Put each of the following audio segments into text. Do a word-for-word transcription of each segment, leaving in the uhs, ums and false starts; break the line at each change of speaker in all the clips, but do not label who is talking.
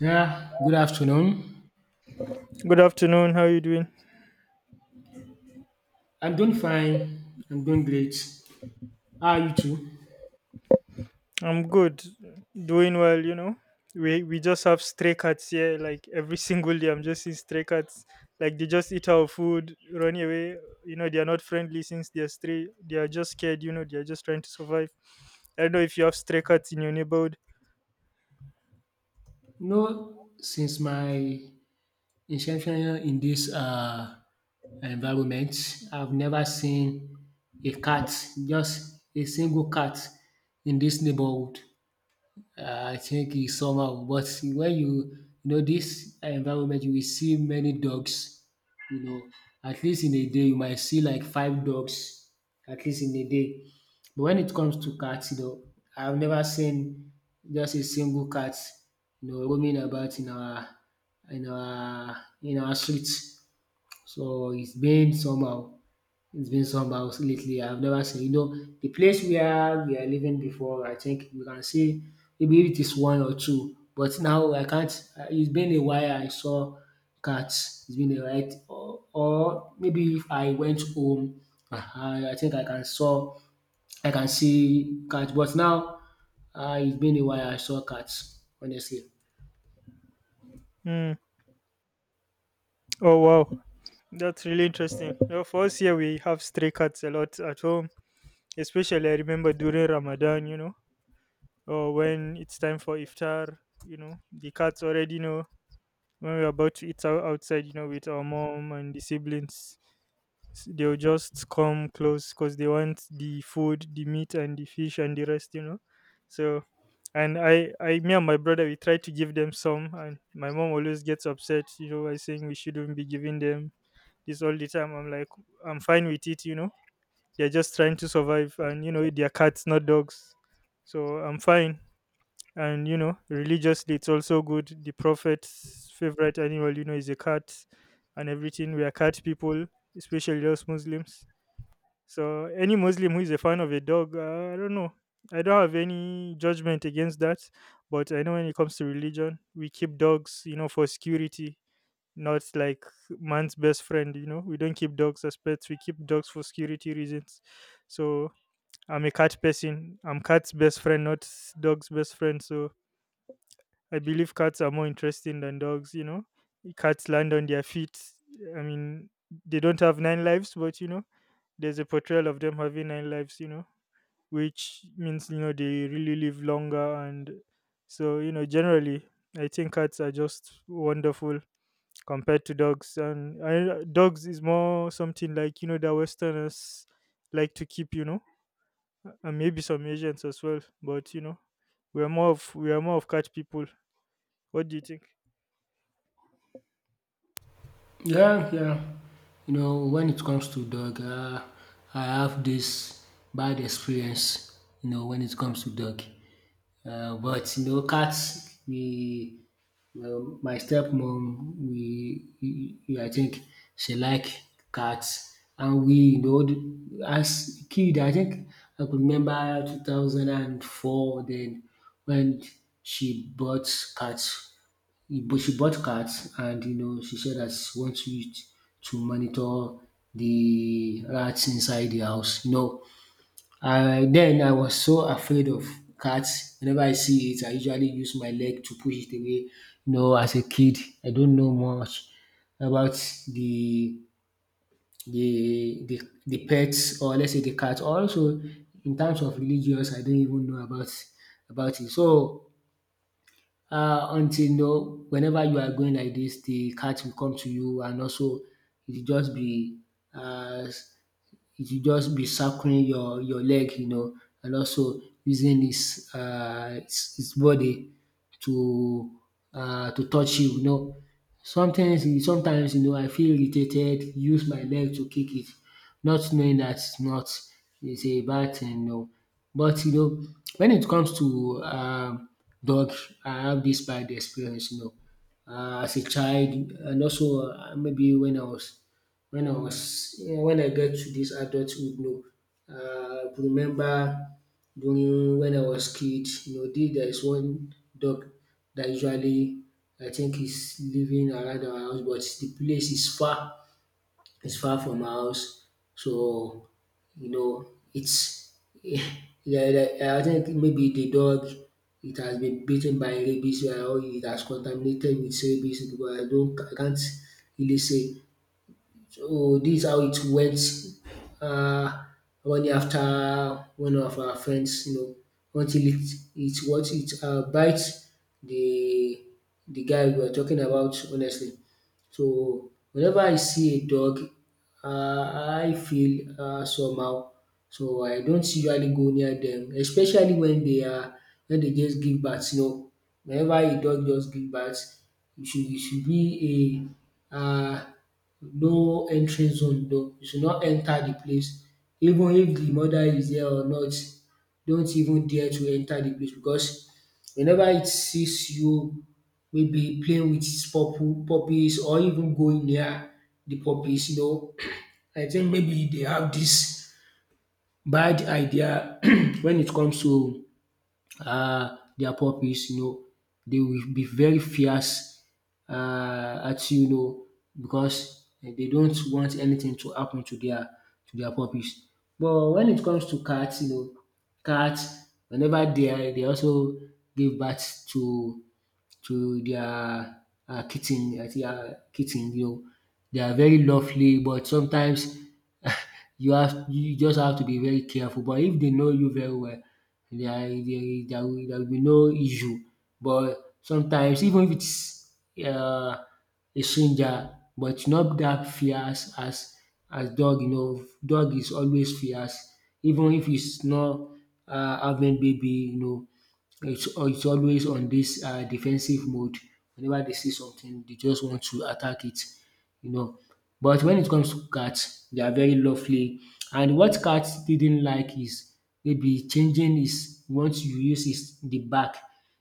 Yeah, good afternoon.
Good afternoon. How you doing?
I'm doing fine. I'm doing great. How are you too?
I'm good. Doing well, you know. We we just have stray cats here like every single day. I'm just seeing stray cats. Like they just eat our food, run away. You know, they are not friendly since they're stray. They are just scared, you know, they are just trying to survive. I don't know if you have stray cats in your neighborhood.
No. Since my inception in this uh, environment, I've never seen a cat, just a single cat in this neighborhood. Uh, I think it's somehow, but when you you know this environment, you will see many dogs. You know, at least in a day, you might see like five dogs, at least in a day. But when it comes to cats, you know, I've never seen just a single cat, you know, roaming about in our in our in our streets. So it's been somehow. It's been somehow lately. I've never seen, you know, the place where we are living before. I think we can see maybe it is one or two, but now I can't. uh, It's been a while I saw cats. It's been a while, or, or maybe if I went home, I, I think I can saw I can see cats. But now uh, it's been a while I saw cats. Honestly.
Hmm. Oh wow. That's really interesting. You know, for us here we have stray cats a lot at home. Especially I remember during Ramadan, you know, or when it's time for iftar, you know, the cats already know when we are about to eat out outside, you know, with our mom and the siblings, s- they'll just come close because they want the food, the meat, and the fish and the rest, you know. So, and I, I, me and my brother, we try to give them some, and my mom always gets upset, you know, by saying we shouldn't be giving them this all the time. I'm like, I'm fine with it, you know. They're just trying to survive, and you know, they're cats, not dogs. So I'm fine, and you know religiously it's also good. The prophet's favorite animal, you know, is a cat, and everything. We are cat people, especially us Muslims. So any Muslim who is a fan of a dog, uh, I don't know, I don't have any judgment against that, but I know when it comes to religion, we keep dogs, you know, for security, not like man's best friend. You know, we don't keep dogs as pets, we keep dogs for security reasons. So I'm a cat person, I'm cat's best friend, not dog's best friend. So I believe cats are more interesting than dogs, you know. Cats land on their feet. I mean, they don't have nine lives, but you know, there's a portrayal of them having nine lives, you know, which means, you know, they really live longer. And so, you know, generally, I think cats are just wonderful compared to dogs. And I, dogs is more something like, you know, that Westerners like to keep, you know, and maybe some Asians as well. But, you know, we are more of, we are more of cat people. What do you think?
Yeah, yeah. You know, when it comes to dog, uh, I have this bad experience, you know, when it comes to dog. Uh, but, you know, cats, we, well, my stepmom, we, we, we- I think she like cats. And we, you know, the- as kid, I think I could remember two thousand four, then when she bought cats he- but she bought cats and you know she said that she wants to use to monitor the rats inside the house. You know, I then I was so afraid of cats. Whenever I see it, I usually use my leg to push it away. You know, as a kid, I don't know much about the the the, the pets or let's say the cat. Also, in terms of religious, I don't even know about about it. So uh, until you know whenever you are going like this the cat will come to you, and also it will just be uh, it will just be circling your your leg, you know, and also using its uh its his body to uh to touch you, you know. Sometimes sometimes, you know, I feel irritated, use my leg to kick it, not knowing that it's not it's a bad thing, no. But you know, when it comes to um dog, I have this bad experience, you know. Um as a child, and also um maybe when I was when I was yeah, when I get to this adulthood, no, uh, I could remember during when I was kid, you know, dis there is one dog that usually I think is living around our house, but the place is far, is far from our house. So you know its yeah, yeah, I think maybe the dog, it has been bitten by rabies, or it has contaminated with rabies, because I don't, I can't really say. So this is how it went, uh, running after one of our friends, you know, until it it what it uh, bites the the guy we are talking about, honestly. So whenever I see a dog, uh, I feel uh, somehow. So I don't usually go near them, especially when they are when they just give birth. You know, whenever a dog just give birth, you should you should be a uh, no entry zone, no, you should not enter the place, even if the mother is there or not, don't even dare to enter the place. Because whenever it sees you maybe playing with its pupple puppies, or even going near the puppies, you know, I think maybe they have dis bad idea when it comes to uh, their puppies, you know, they will be very fierce uh, at you, you know, because they don't want anything to happen to their to their puppies. But when it comes to cats, you know, cats, whenever they are, they also give birth to to their uh, kitten, uh, their kitten, you know, they are very lovely, but sometimes you have you just have to be very careful. But if they know you very well, there there there will there will be no issue. But sometimes, even if its uh a stranger, but not that fierce as as dog, you know. Dog is always fierce, even if its not uh having baby, you know, its its always on this uh defensive mode, whenever they see something they just want to attack it, you know. But when it comes to cats, they are very lovely. And what cats didn't like is maybe changing his, once you use his the back,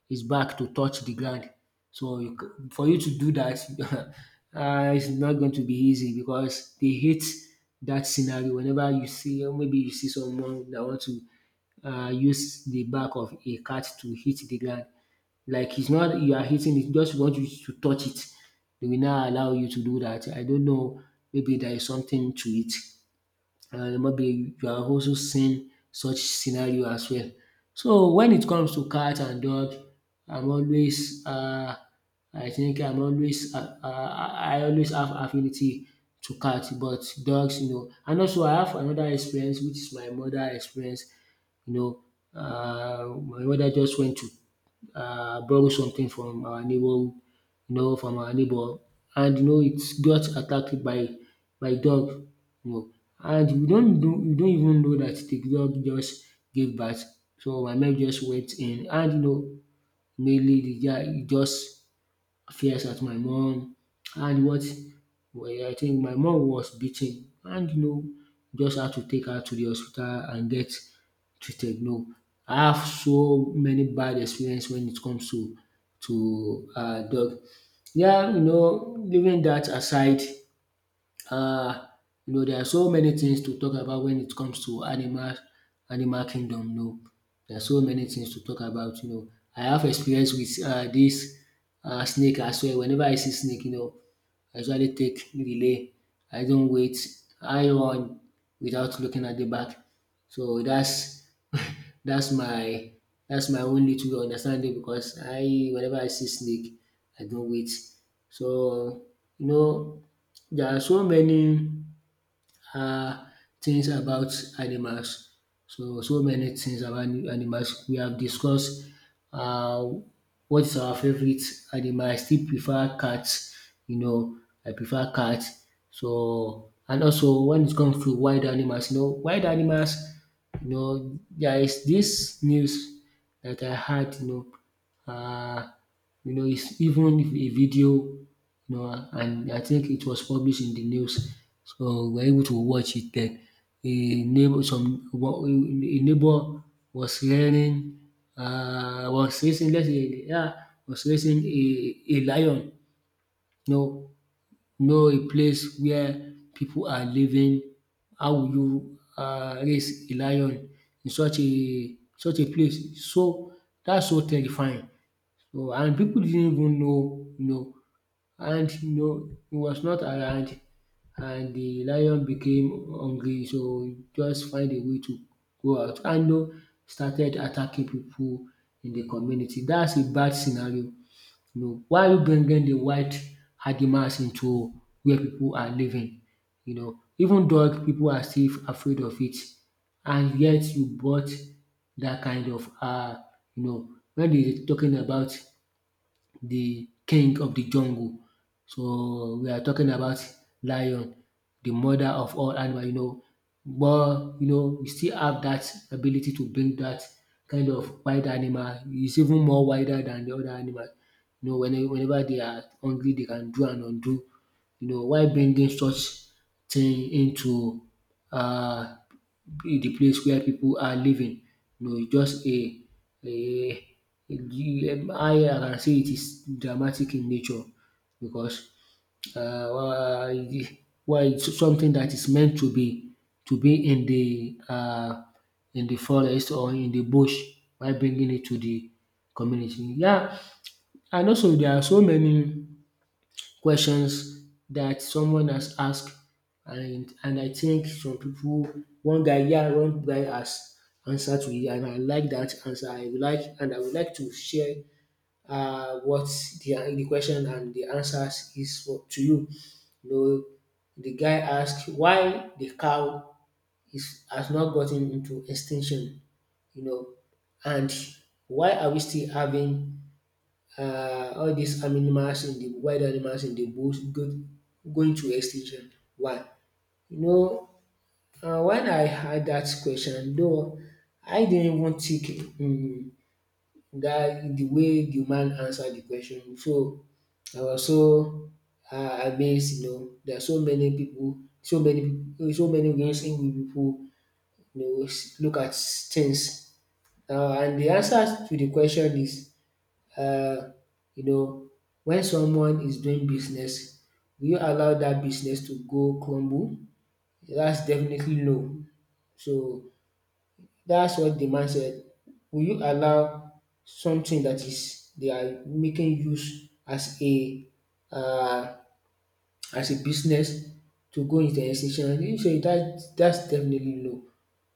his back to touch the ground. So you c- for you to do that, uh, it's not going to be easy, because they hate that scenario. Whenever you see, or maybe you see someone that want to uh, use the back of a cat to hit the ground, like it's not you are hitting it, just want you to touch it. They will not allow you to do that. I don't know, maybe there is something to it. And maybe you have also seen such scenario as well. So when it comes to cat and dog, I'm always um I think I'm always um I always have affinity to cat, but dogs, you know. And also I have another experience, which is my mother experience, you know. Um my mother just went to um borrow something from our neighbour, you know, from our neighbor, and you know it got attacked by by dog, you know. And we don't know we don't even know that the dog just gave birth. So my mate just went in, and you know, mainly the guy just fierce at my mom. And what well, I think my mom was beaten, and you know, just had to take her to the hospital and get treated, you know. I have so many bad experience when it comes to to uh dog. Yeah, you know, leaving that aside, uh, you know, there are so many things to talk about when it comes to animal animal kingdom, you know. There are so many things to talk about, you know. I have experience with uh this uh snake as well. Whenever I see snake, you know, I usually take relay. I don't wait, I run without looking at the back. So that's. That's my that's my own little understanding. Because I whenever I see snake, I don't wait. So you know, there are so many uh, things about animals. So, so many things about ani- animals. We have discussed uh, what is our favorite animal. I still prefer cats. You know, I prefer cats. So, and also when it comes to wild animals, you know, wild animals, you know, there is this news that I had, you know, uh, you know, it's even a video, no, and I think it was published in the news. So we were able to watch it then. A neighbor, some wa- a neighbor was hearing, uh, was raising, let's say, yeah, was raising a, a lion. No, no, a place where people are living. How will you uh, raise a lion in such a such a place? So that's so terrifying. So, and people didn't even know, you know, and you know he was not around, and the lion became hungry, so he just find a way to go out, and you know, started attacking people in the community. That's a bad scenario. You know, why are you bringing the white animals into where people are living? You know, even dog people are still afraid of it, and yet you bought that kind of uh you know, when they talking about the king of the jungle. So we are talking about lion, the mother of all animal, you know, but you know we still have that ability to bring that kind of wild animal. It's even more wider than the other animal. You know, whenever whenever they are hungry, they can do and undo, you know. Why bringing such thing into um be the place where pipu are living? No, it's just a, a how I can say, it is dramatic in nature. Because um it's something that is meant to be to be in the um in the forest or in the bush, while bringing it to the community. Yeah, and also there are so many questions that someone has asked. And and I think some people one guy, yeah, one guy has answered to it, and I like that answer. I would like and I would like to share uh, what the, the question and the answers is for, to you. You know, the guy asked why the cow is has not gotten into extinction, you know, and why are we still having uh, all these animals, in the wild, animals in the bush, go, going to extinction. Why? You know, uh, when I had that question, though, I didn't even think um, that the way the man answered the question. So I was so uh, amazed. You know, there are so many people, so many, so many ways in which people you know s- look at things. Uh, and the answer to the question is uh, you know, when someone is doing business, will you allow that business to go crumble? That's definitely no. So that's what the man said. Will you allow something that is they are making use as a uh, as a business to go into extinction? He said that that's definitely no.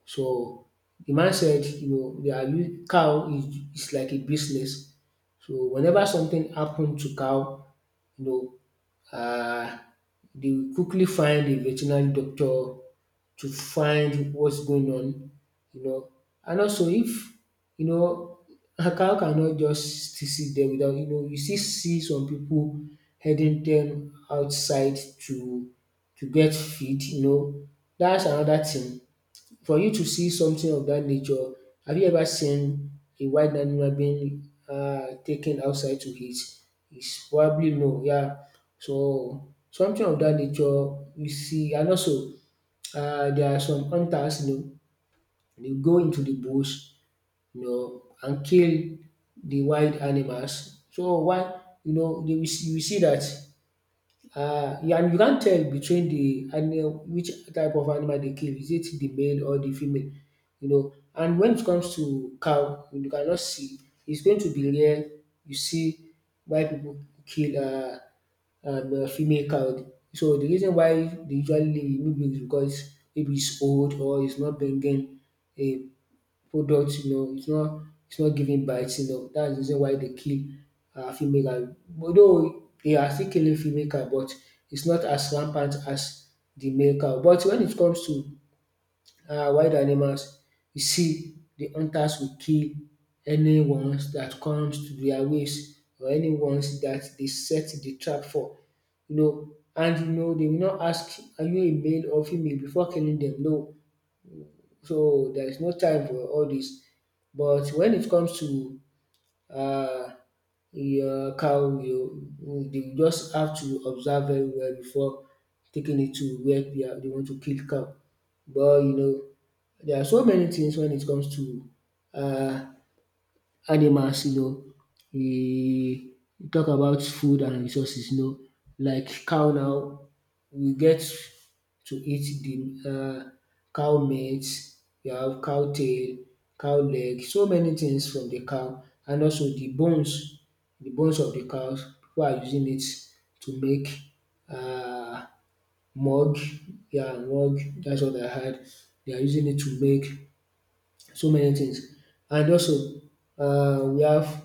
So the man said, you know, they are u- cow is, is like a business. So whenever something happened to cow, you know, uh, they will quickly find a veterinary doctor to find what's going on, you know. And also, if you know, a cow cannot just still sit there without you know, you still see some people heading them outside to to get feed, you know. That's another thing. For you to see something of that nature, have you ever seen a wild animal being uh, taken outside to eat? It's probably no, yeah. So something of that nature you see, and also uh, there are some hunters, you know, they go into the bush, you know, and kill the wild animals. So why, you know, they will see, you will see that uh, yeah, and you can't tell between the animal which type of animal they kill. Is it the male or the female? You know. And when it comes to cow, you cannot see. It's going to be rare. You see why people kill uh, um, a female cow. So the reason why they usually maybe is because maybe it's old or it's not bringing a product, you know, it's not it's not giving biting up. That's the reason why they kill um female, and although they are still killing female cow, but it's not as rampant as the male cow. But when it comes to um wild animals, you see the hunters will kill any ones that comes to their ways or any ones that they set the trap for. You know, and you know they will not ask are you a male or female before killing them. No. So there is no time for all this. But when it comes to uh, your cow, you, you just have to observe very well before taking it to where they, are, they want to kill cow. But you know, there are so many things when it comes to uh, animals, you know, e e talk about food and resources, you know. Like cow now, we get to eat the um cow meat, we have cow tail, cow leg, so many things from the cow, and also the bones, the bones of the cows, people are using it to make um mug, yeah mug, that's what I heard. They are using it to make so many things, and also um we have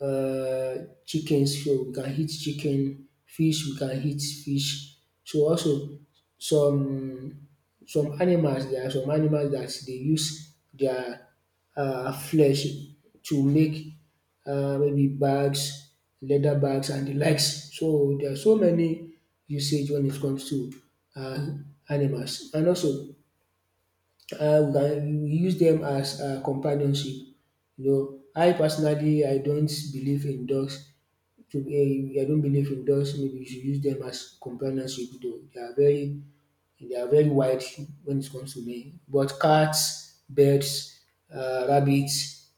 uh, chickens, so we can eat chicken, fish, we can eat fish. So also some some animals, there are some animals that they use their uh flesh to make uh maybe bags, leather bags and the likes. So there are so many usage when it comes to um animals. And also uh, we can we use them as um companionship. You know, I personally I don't believe in dogs to um I don't believe in dogs? Maybe you should use them as companionship though. They are very they are very wide when it comes to me. But cats, birds, uh, rabbits,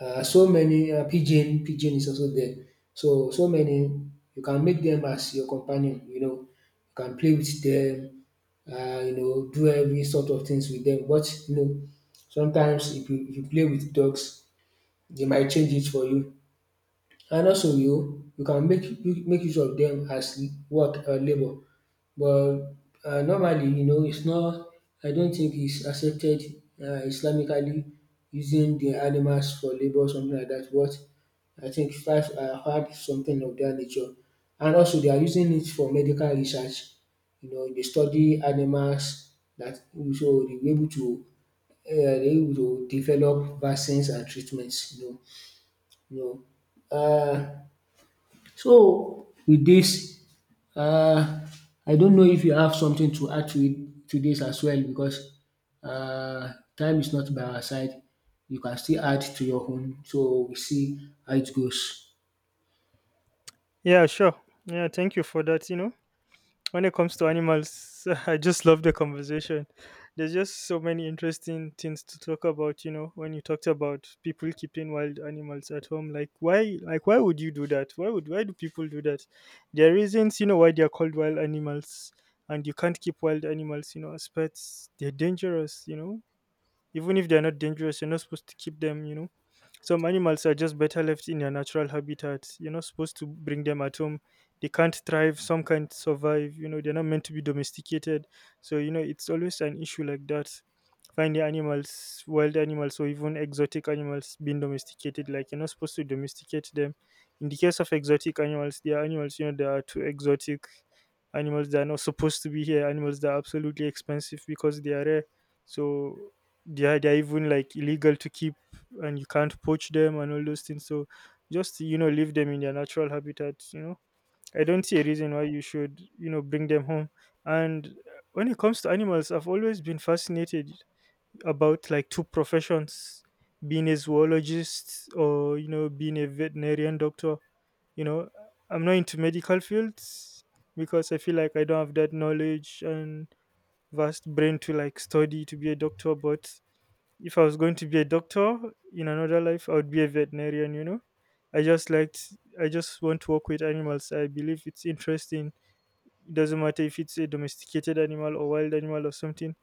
uh, so many uh, pigeon pigeon is also there. So so many you can make them as your companion. You know, you can play with them. Uh, you know do every sort of things with them. But you know sometimes if you, if you play with dogs, they might change it for you. And also you you can make u- make use of them as work or labour, but um normally you know it's not I don't think it's accepted uh, Islamically using the animals for labour or something like that. But I think dat I heard something of that nature. And also they are using it for medical research, you know, they study animals that so they be able to uh, they dey able to develop vaccines and treatments, you know you know uh. So with this um I don't know if you have something to add to it to this as well, because um time is not by our side. You can still add to your own so we see how it goes.
Yeah, sure. Yeah, thank you for that. You know, when it comes to animals, I just love the conversation. There's just so many interesting things to talk about. You know, when you talked about people keeping wild animals at home, like why, like why would you do that? Why would why do people do that? There are reasons, you know, why they are called wild animals, and you can't keep wild animals, you know, as pets. They're dangerous. You know, even if they're not dangerous, you're not supposed to keep them, you know. Some animals are just better left in their natural habitat. You're not supposed to bring them at home. They can't thrive, some can't survive, you know, they're not meant to be domesticated. So, you know, it's always an issue like that. Finding animals, wild animals, or even exotic animals being domesticated, like you're not supposed to domesticate them. In the case of exotic animals, they are animals, you know, they are too exotic animals that are not supposed to be here, animals that are absolutely expensive because they are rare. So yeah, they're even like illegal to keep, and you can't poach them and all those things. So just, you know, leave them in their natural habitat, you know. I don't see a reason why you should, you know, bring them home. And uh, when it comes to animals, I've always been fascinated about like two professions: being a zoologist or, you know, being a veterinarian doctor, you know. I'm not into medical fields because I feel like I don't have that knowledge and vast brain to like study to be a doctor. But if I was going to be a doctor in another life, I would be a veterinarian, you know. I just liked I just want to work with animals. I believe it's interesting. It doesn't matter if it's a domesticated animal or wild animal or something.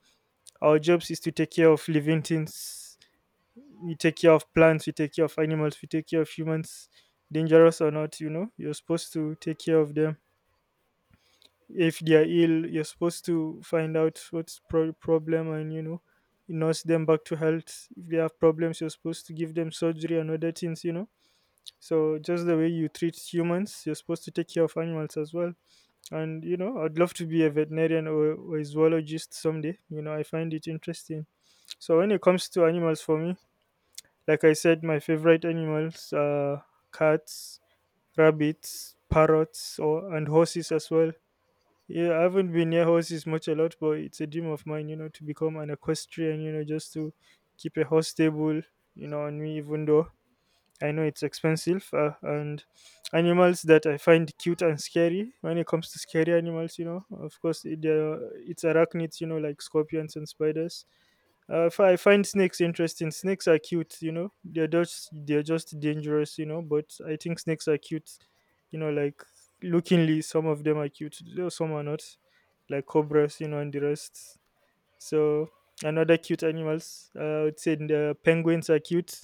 Our jobs is to take care of living things. We take care of plants, we take care of animals, we take care of humans, dangerous or not, you know. You're supposed to take care of them. If they are ill, you're supposed to find out what's pro- problem, and you know, nurse them back to health. If they have problems, you're supposed to give them surgery and other things, you know. So just the way you treat humans, you're supposed to take care of animals as well. And you know, I'd love to be a veterinarian or, or a zoologist someday, you know. I find it interesting. So when it comes to animals, for me, like I said, my favorite animals are cats, rabbits, parrots, or and horses as well. Yeah, I haven't been near horses much a lot, but it's a dream of mine, you know, to become an equestrian, you know, just to keep a horse stable, you know, on me, even though I know it's expensive. Uh, and animals that I find cute and scary. When it comes to scary animals, you know, of course, it, uh, it's arachnids, you know, like scorpions and spiders. Uh, if I find snakes interesting. Snakes are cute, you know. They're just they're just dangerous, you know. But I think snakes are cute, you know. Like lookingly, some of them are cute, though. Some are not, like cobras, you know, and the rest. So another cute animals. Uh, I would say the penguins are cute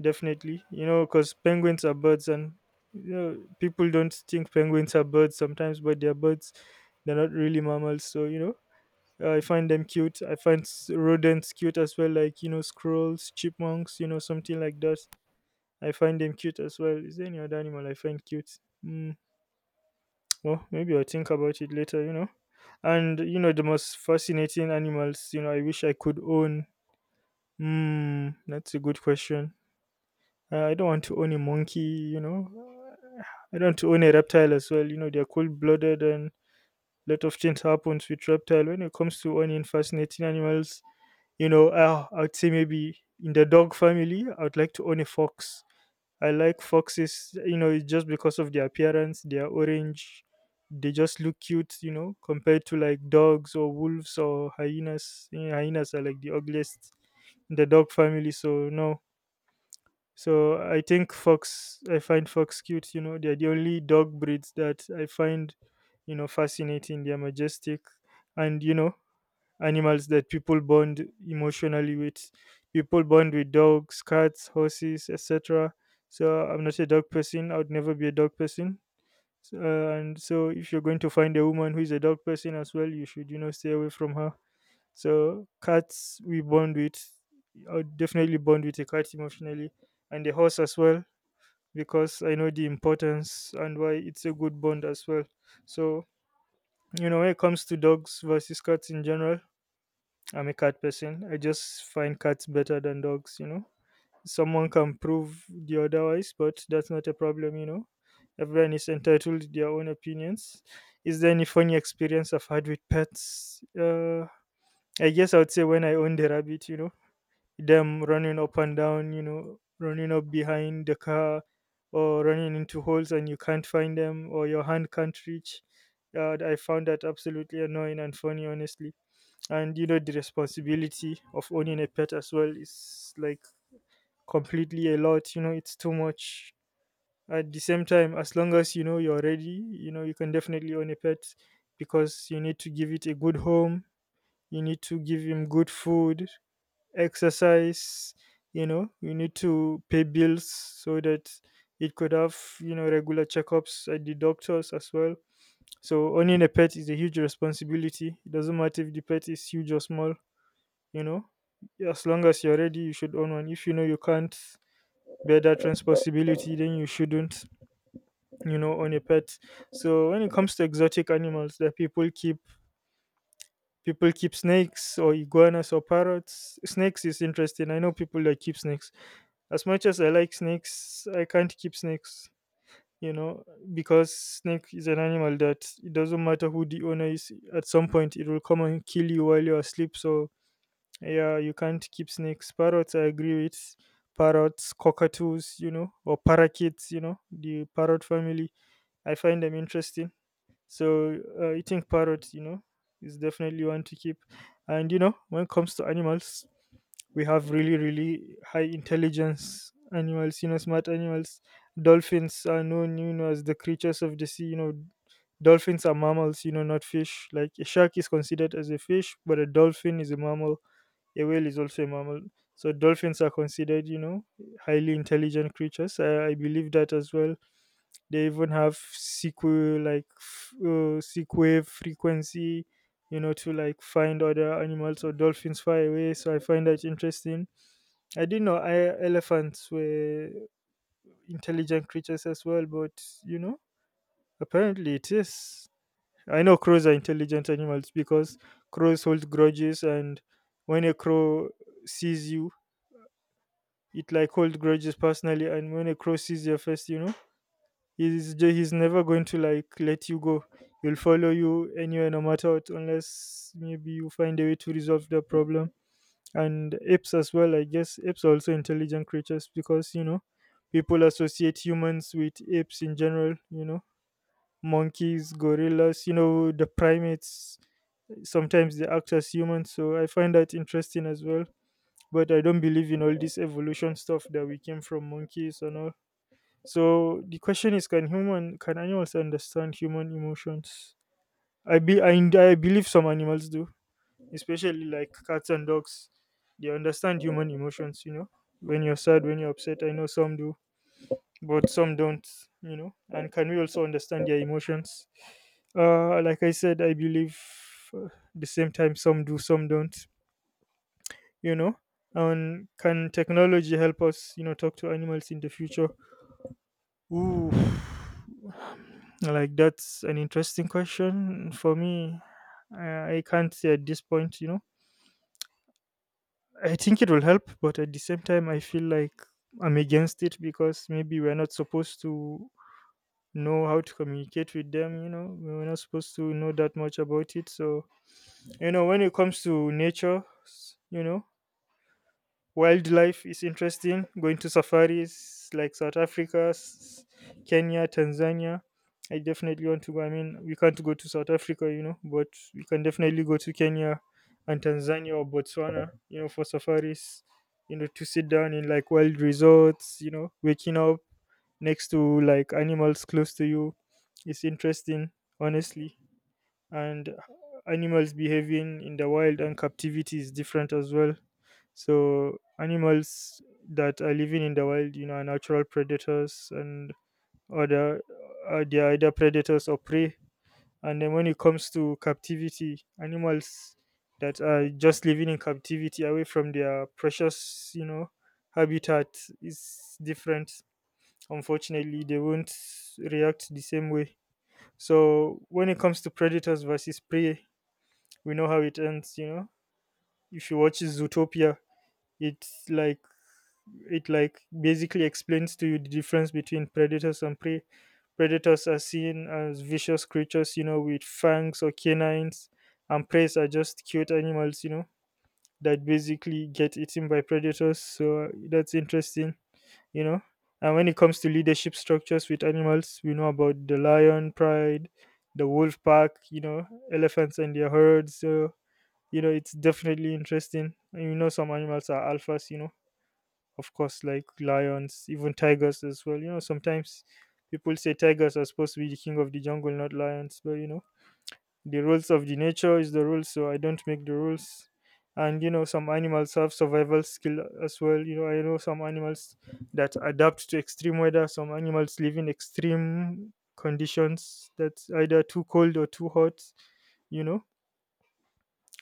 definitely. You know, because penguins are birds, and you know, people don't think penguins are birds sometimes, but they're birds. They're not really mammals, so you know. I find them cute. I find s- rodents cute as well, like you know, squirrels, chipmunks, you know, something like that. I find them cute as well. Is there any other animal I find cute? Mm, well, maybe I'll think about it later. You know, and you know, the most fascinating animals. You know, I wish I could own. Mm, that's a good question. Uh, I don't want to own a monkey, you know. Uh, I don't want to own a reptile as well. You know, they're cold blooded, and a lot of things happens with reptile. When it comes to owning fascinating animals, you know, uh, I'd say maybe in the dog family, I would like to own a fox. I like foxes, you know, it's just because of their appearance. They are orange. They just look cute, you know, compared to like dogs or wolves or hyenas. You know, hyenas are like the ugliest in the dog family. So, no, so I think fox, I find fox cute. You know, they're the only dog breeds that I find, you know, fascinating. They're majestic, and you know, animals that people bond emotionally with. People bond with dogs, cats, horses, et cetera. So I'm not a dog person. I would never be a dog person. So, uh, and so, if you're going to find a woman who is a dog person as well, you should, you know, stay away from her. So cats we bond with. I would definitely bond with a cat emotionally, and a horse as well, because I know the importance and why it's a good bond as well. So you know when it comes to dogs versus cats in general, I'm a cat person. I just find cats better than dogs. You know, someone can prove the otherwise, but that's not a problem. You know, everyone is entitled to their own opinions. Is there any funny experience I've had with pets? Uh, I guess I would say when I owned a rabbit. You know them running up and down, you know, running up behind the car or running into holes and you can't find them or your hand can't reach. Uh, I found that absolutely annoying and funny, honestly. And you know, the responsibility of owning a pet as well is like completely a lot, you know, it's too much. At the same time, as long as you know you're ready, you know, you can definitely own a pet because you need to give it a good home, you need to give him good food, exercise, you know, you need to pay bills so that it could have, you know, regular checkups at the doctors as well. So owning a pet is a huge responsibility. It doesn't matter if the pet is huge or small, you know. As long as you're ready you should own one. If you know you can't bear that responsibility then you shouldn't, you know, own a pet. So when it comes to exotic animals that people keep, people keep snakes or iguanas or parrots. Snakes is interesting. I know people that keep snakes. As much as I like snakes, I can't keep snakes, you know, because snake is an animal that it doesn't matter who the owner is. At some point, it will come and kill you while you're asleep. So yeah, you can't keep snakes. Parrots, I agree with parrots, cockatoos, you know, or parakeets, you know, the parrot family. I find them interesting. So uh, eating parrots, you know, is definitely one to keep. And you know, when it comes to animals, we have really really high intelligence animals, you know, smart animals. Dolphins are known, you know, as the creatures of the sea, you know. Dolphins are mammals, you know, not fish. Like a shark is considered as a fish but a dolphin is a mammal. A whale is also a mammal. So dolphins are considered, you know, highly intelligent creatures. I, I believe that as well. They even have sequel, like f- uh, seek wave frequency, you know, to like find other animals or dolphins far away. So I find that interesting. I didn't know I, elephants were intelligent creatures as well, but you know, apparently it is. I know crows are intelligent animals because crows hold grudges. And when a crow sees you, it like holds grudges personally. And when a crow sees your face, you know, he's ju- he's never going to like let you go. He'll follow you anywhere no matter what, unless maybe you find a way to resolve the problem. And apes as well. I guess apes are also intelligent creatures because, you know, people associate humans with apes in general, you know, monkeys, gorillas, you know, the primates. Sometimes they act as humans, so I find that interesting as well. But I don't believe in all this evolution stuff that we came from monkeys and all. So the question is, can human, can animals understand human emotions? I be, I, I believe some animals do, especially like cats and dogs. They understand human emotions, you know. When you're sad, when you're upset, I know some do, but some don't, you know. And can we also understand their emotions? Uh, like I said, I believe, uh, the same time, some do, some don't, you know. And can technology help us, you know, talk to animals in the future? Ooh, like that's an interesting question for me. I, I can't say at this point, you know. I think it will help, but at the same time, I feel like I'm against it because maybe we're not supposed to know how to communicate with them, you know. We're not supposed to know that much about it. So, you know, when it comes to nature, s- you know, wildlife is interesting. Going to safaris like South Africa, s- Kenya, Tanzania. I definitely want to go. I mean, we can't go to South Africa, you know, but we can definitely go to Kenya and Tanzania or Botswana, you know, for safaris, you know, to sit down in like wild resorts, you know, waking up next to like animals close to you. It's interesting, honestly. And animals behaving in the wild and captivity is different as well. So animals that are living in the wild, you know, are natural predators and other, uh, they are either predators or prey. And then when it comes to captivity, animals that are just living in captivity away from their precious, you know, habitat is different. Unfortunately they won't react the same way. So when it comes to predators versus prey, we know how it ends, you know. If you watch Zootopia, it's like, it like basically explains to you the difference between predators and prey. Predators are seen as vicious creatures, you know, with fangs or canines. And preys are just cute animals, you know, that basically get eaten by predators. So uh, that's interesting, you know. And when it comes to leadership structures with animals, we know about the lion pride, the wolf pack, you know, elephants and their herds. So you know it's definitely interesting. And you know some animals are alphas, you know, of course, like lions, even tigers as well, you know. Sometimes people say tigers are supposed to be the king of the jungle, not lions, but you know, the rules of the nature is the rules, so I don't make the rules. And you know some animals have survival skill as well, you know. I know some animals that adapt to extreme weather. Some animals live in extreme conditions that's either too cold or too hot, you know,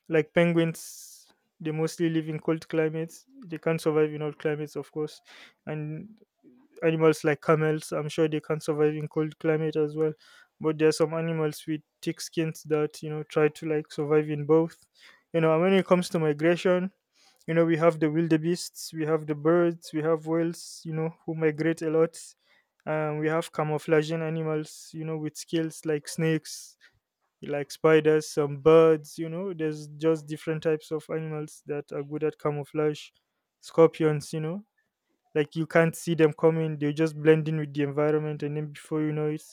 like penguins. They mostly live in cold climates. They can't survive in hot climates, of course. And animals like camels, I'm sure they can survive in cold climate as well. But there are some animals with thick skins that, you know, try to like survive in both. You know, and when it comes to migration, you know, we have the wildebeests, we have the birds, we have whales. You know who migrate a lot. Um, we have camouflaging animals, you know, with skills like snakes, like spiders, some birds, you know. There's just different types of animals that are good at camouflage. Scorpions, you know, like you can't see them coming, they just blend in with the environment, and then before you know it,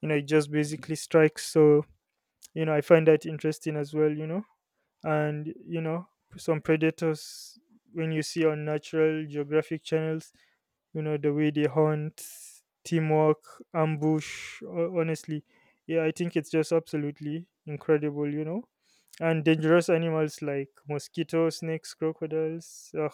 you know, it just basically strikes. So, you know, I find that interesting as well, you know. And you know some predators, when you see on natural geographic channels, you know, the way they hunt, teamwork, ambush, ho- honestly, yeah, I think it's just absolutely incredible, you know. And dangerous animals like mosquitoes, snakes, crocodiles. Ugh.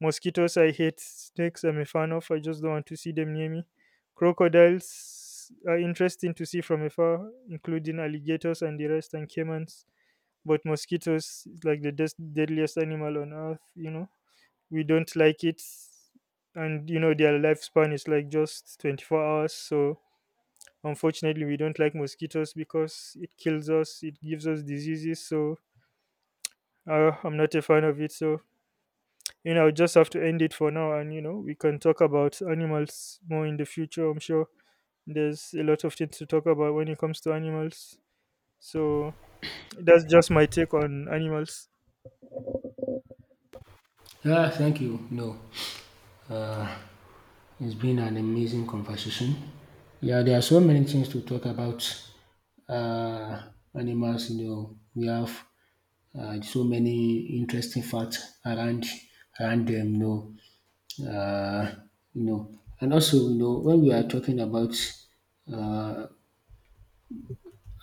Mosquitoes, I hate. Snakes, I'm a fan of, I just don't want to see them near me. Crocodiles are interesting to see from afar, including alligators and the rest and caimans. But mosquitoes is like the des- deadliest animal on earth, you know. We don't like it. And you know their lifespan is like just twenty-four hours, so unfortunately we don't like mosquitoes because it kills us, it gives us diseases. So uh, I'm not a fan of it. So you know, I'll just have to end it for now. And you know, we can talk about animals more in the future, I'm sure. There's a lot of things to talk about when it comes to animals. So that's just my take on animals.
Yeah, thank you. No um it's been an amazing conversation. Yeah, there are so many things to talk about. Uh, animals, you know, we have uh, so many interesting facts around around them. You know, uh, you know, and also you know when we are talking about uh,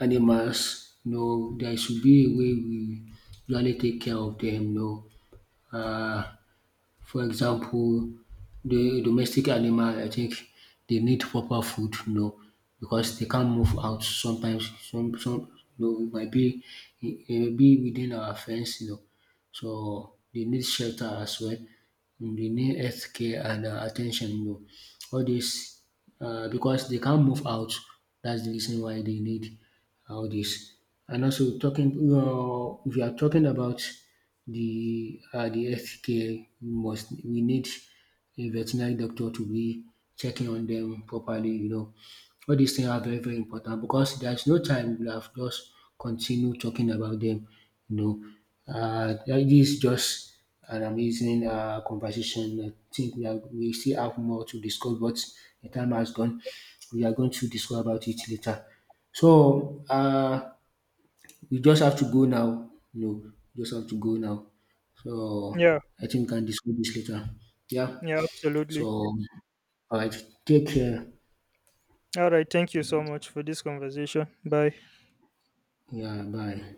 animals, you know, there should be a way we usually take care of them. You know, uh, For example, the domestic animal I think dey need proper food, you know, because dey can't move out sometimes some some you know e might be e might be within our fence, you know, so dey need shelter as well. The need healthcare and uh, attention, you know, all this uh, because they can't move out. That's the reason why they need all this. And also talking, uh, if you are talking about the uh, the healthcare, we must we need a veterinary doctor to be checking on them properly. You know, all these things are very very important, because there's no time we have just continue talking about them. You know, uh, this is just an amazing uh, conversation. I think we, are, we still have more to discuss, but the time has gone. We are going to discuss about it later. So uh, we just have to go now. No, just have to go now.
Yeah,
So I think we can discuss this later. Yeah.
yeah, absolutely.
So all right. Take care.
All right. Thank you so much for this conversation. Bye.
Yeah. Bye.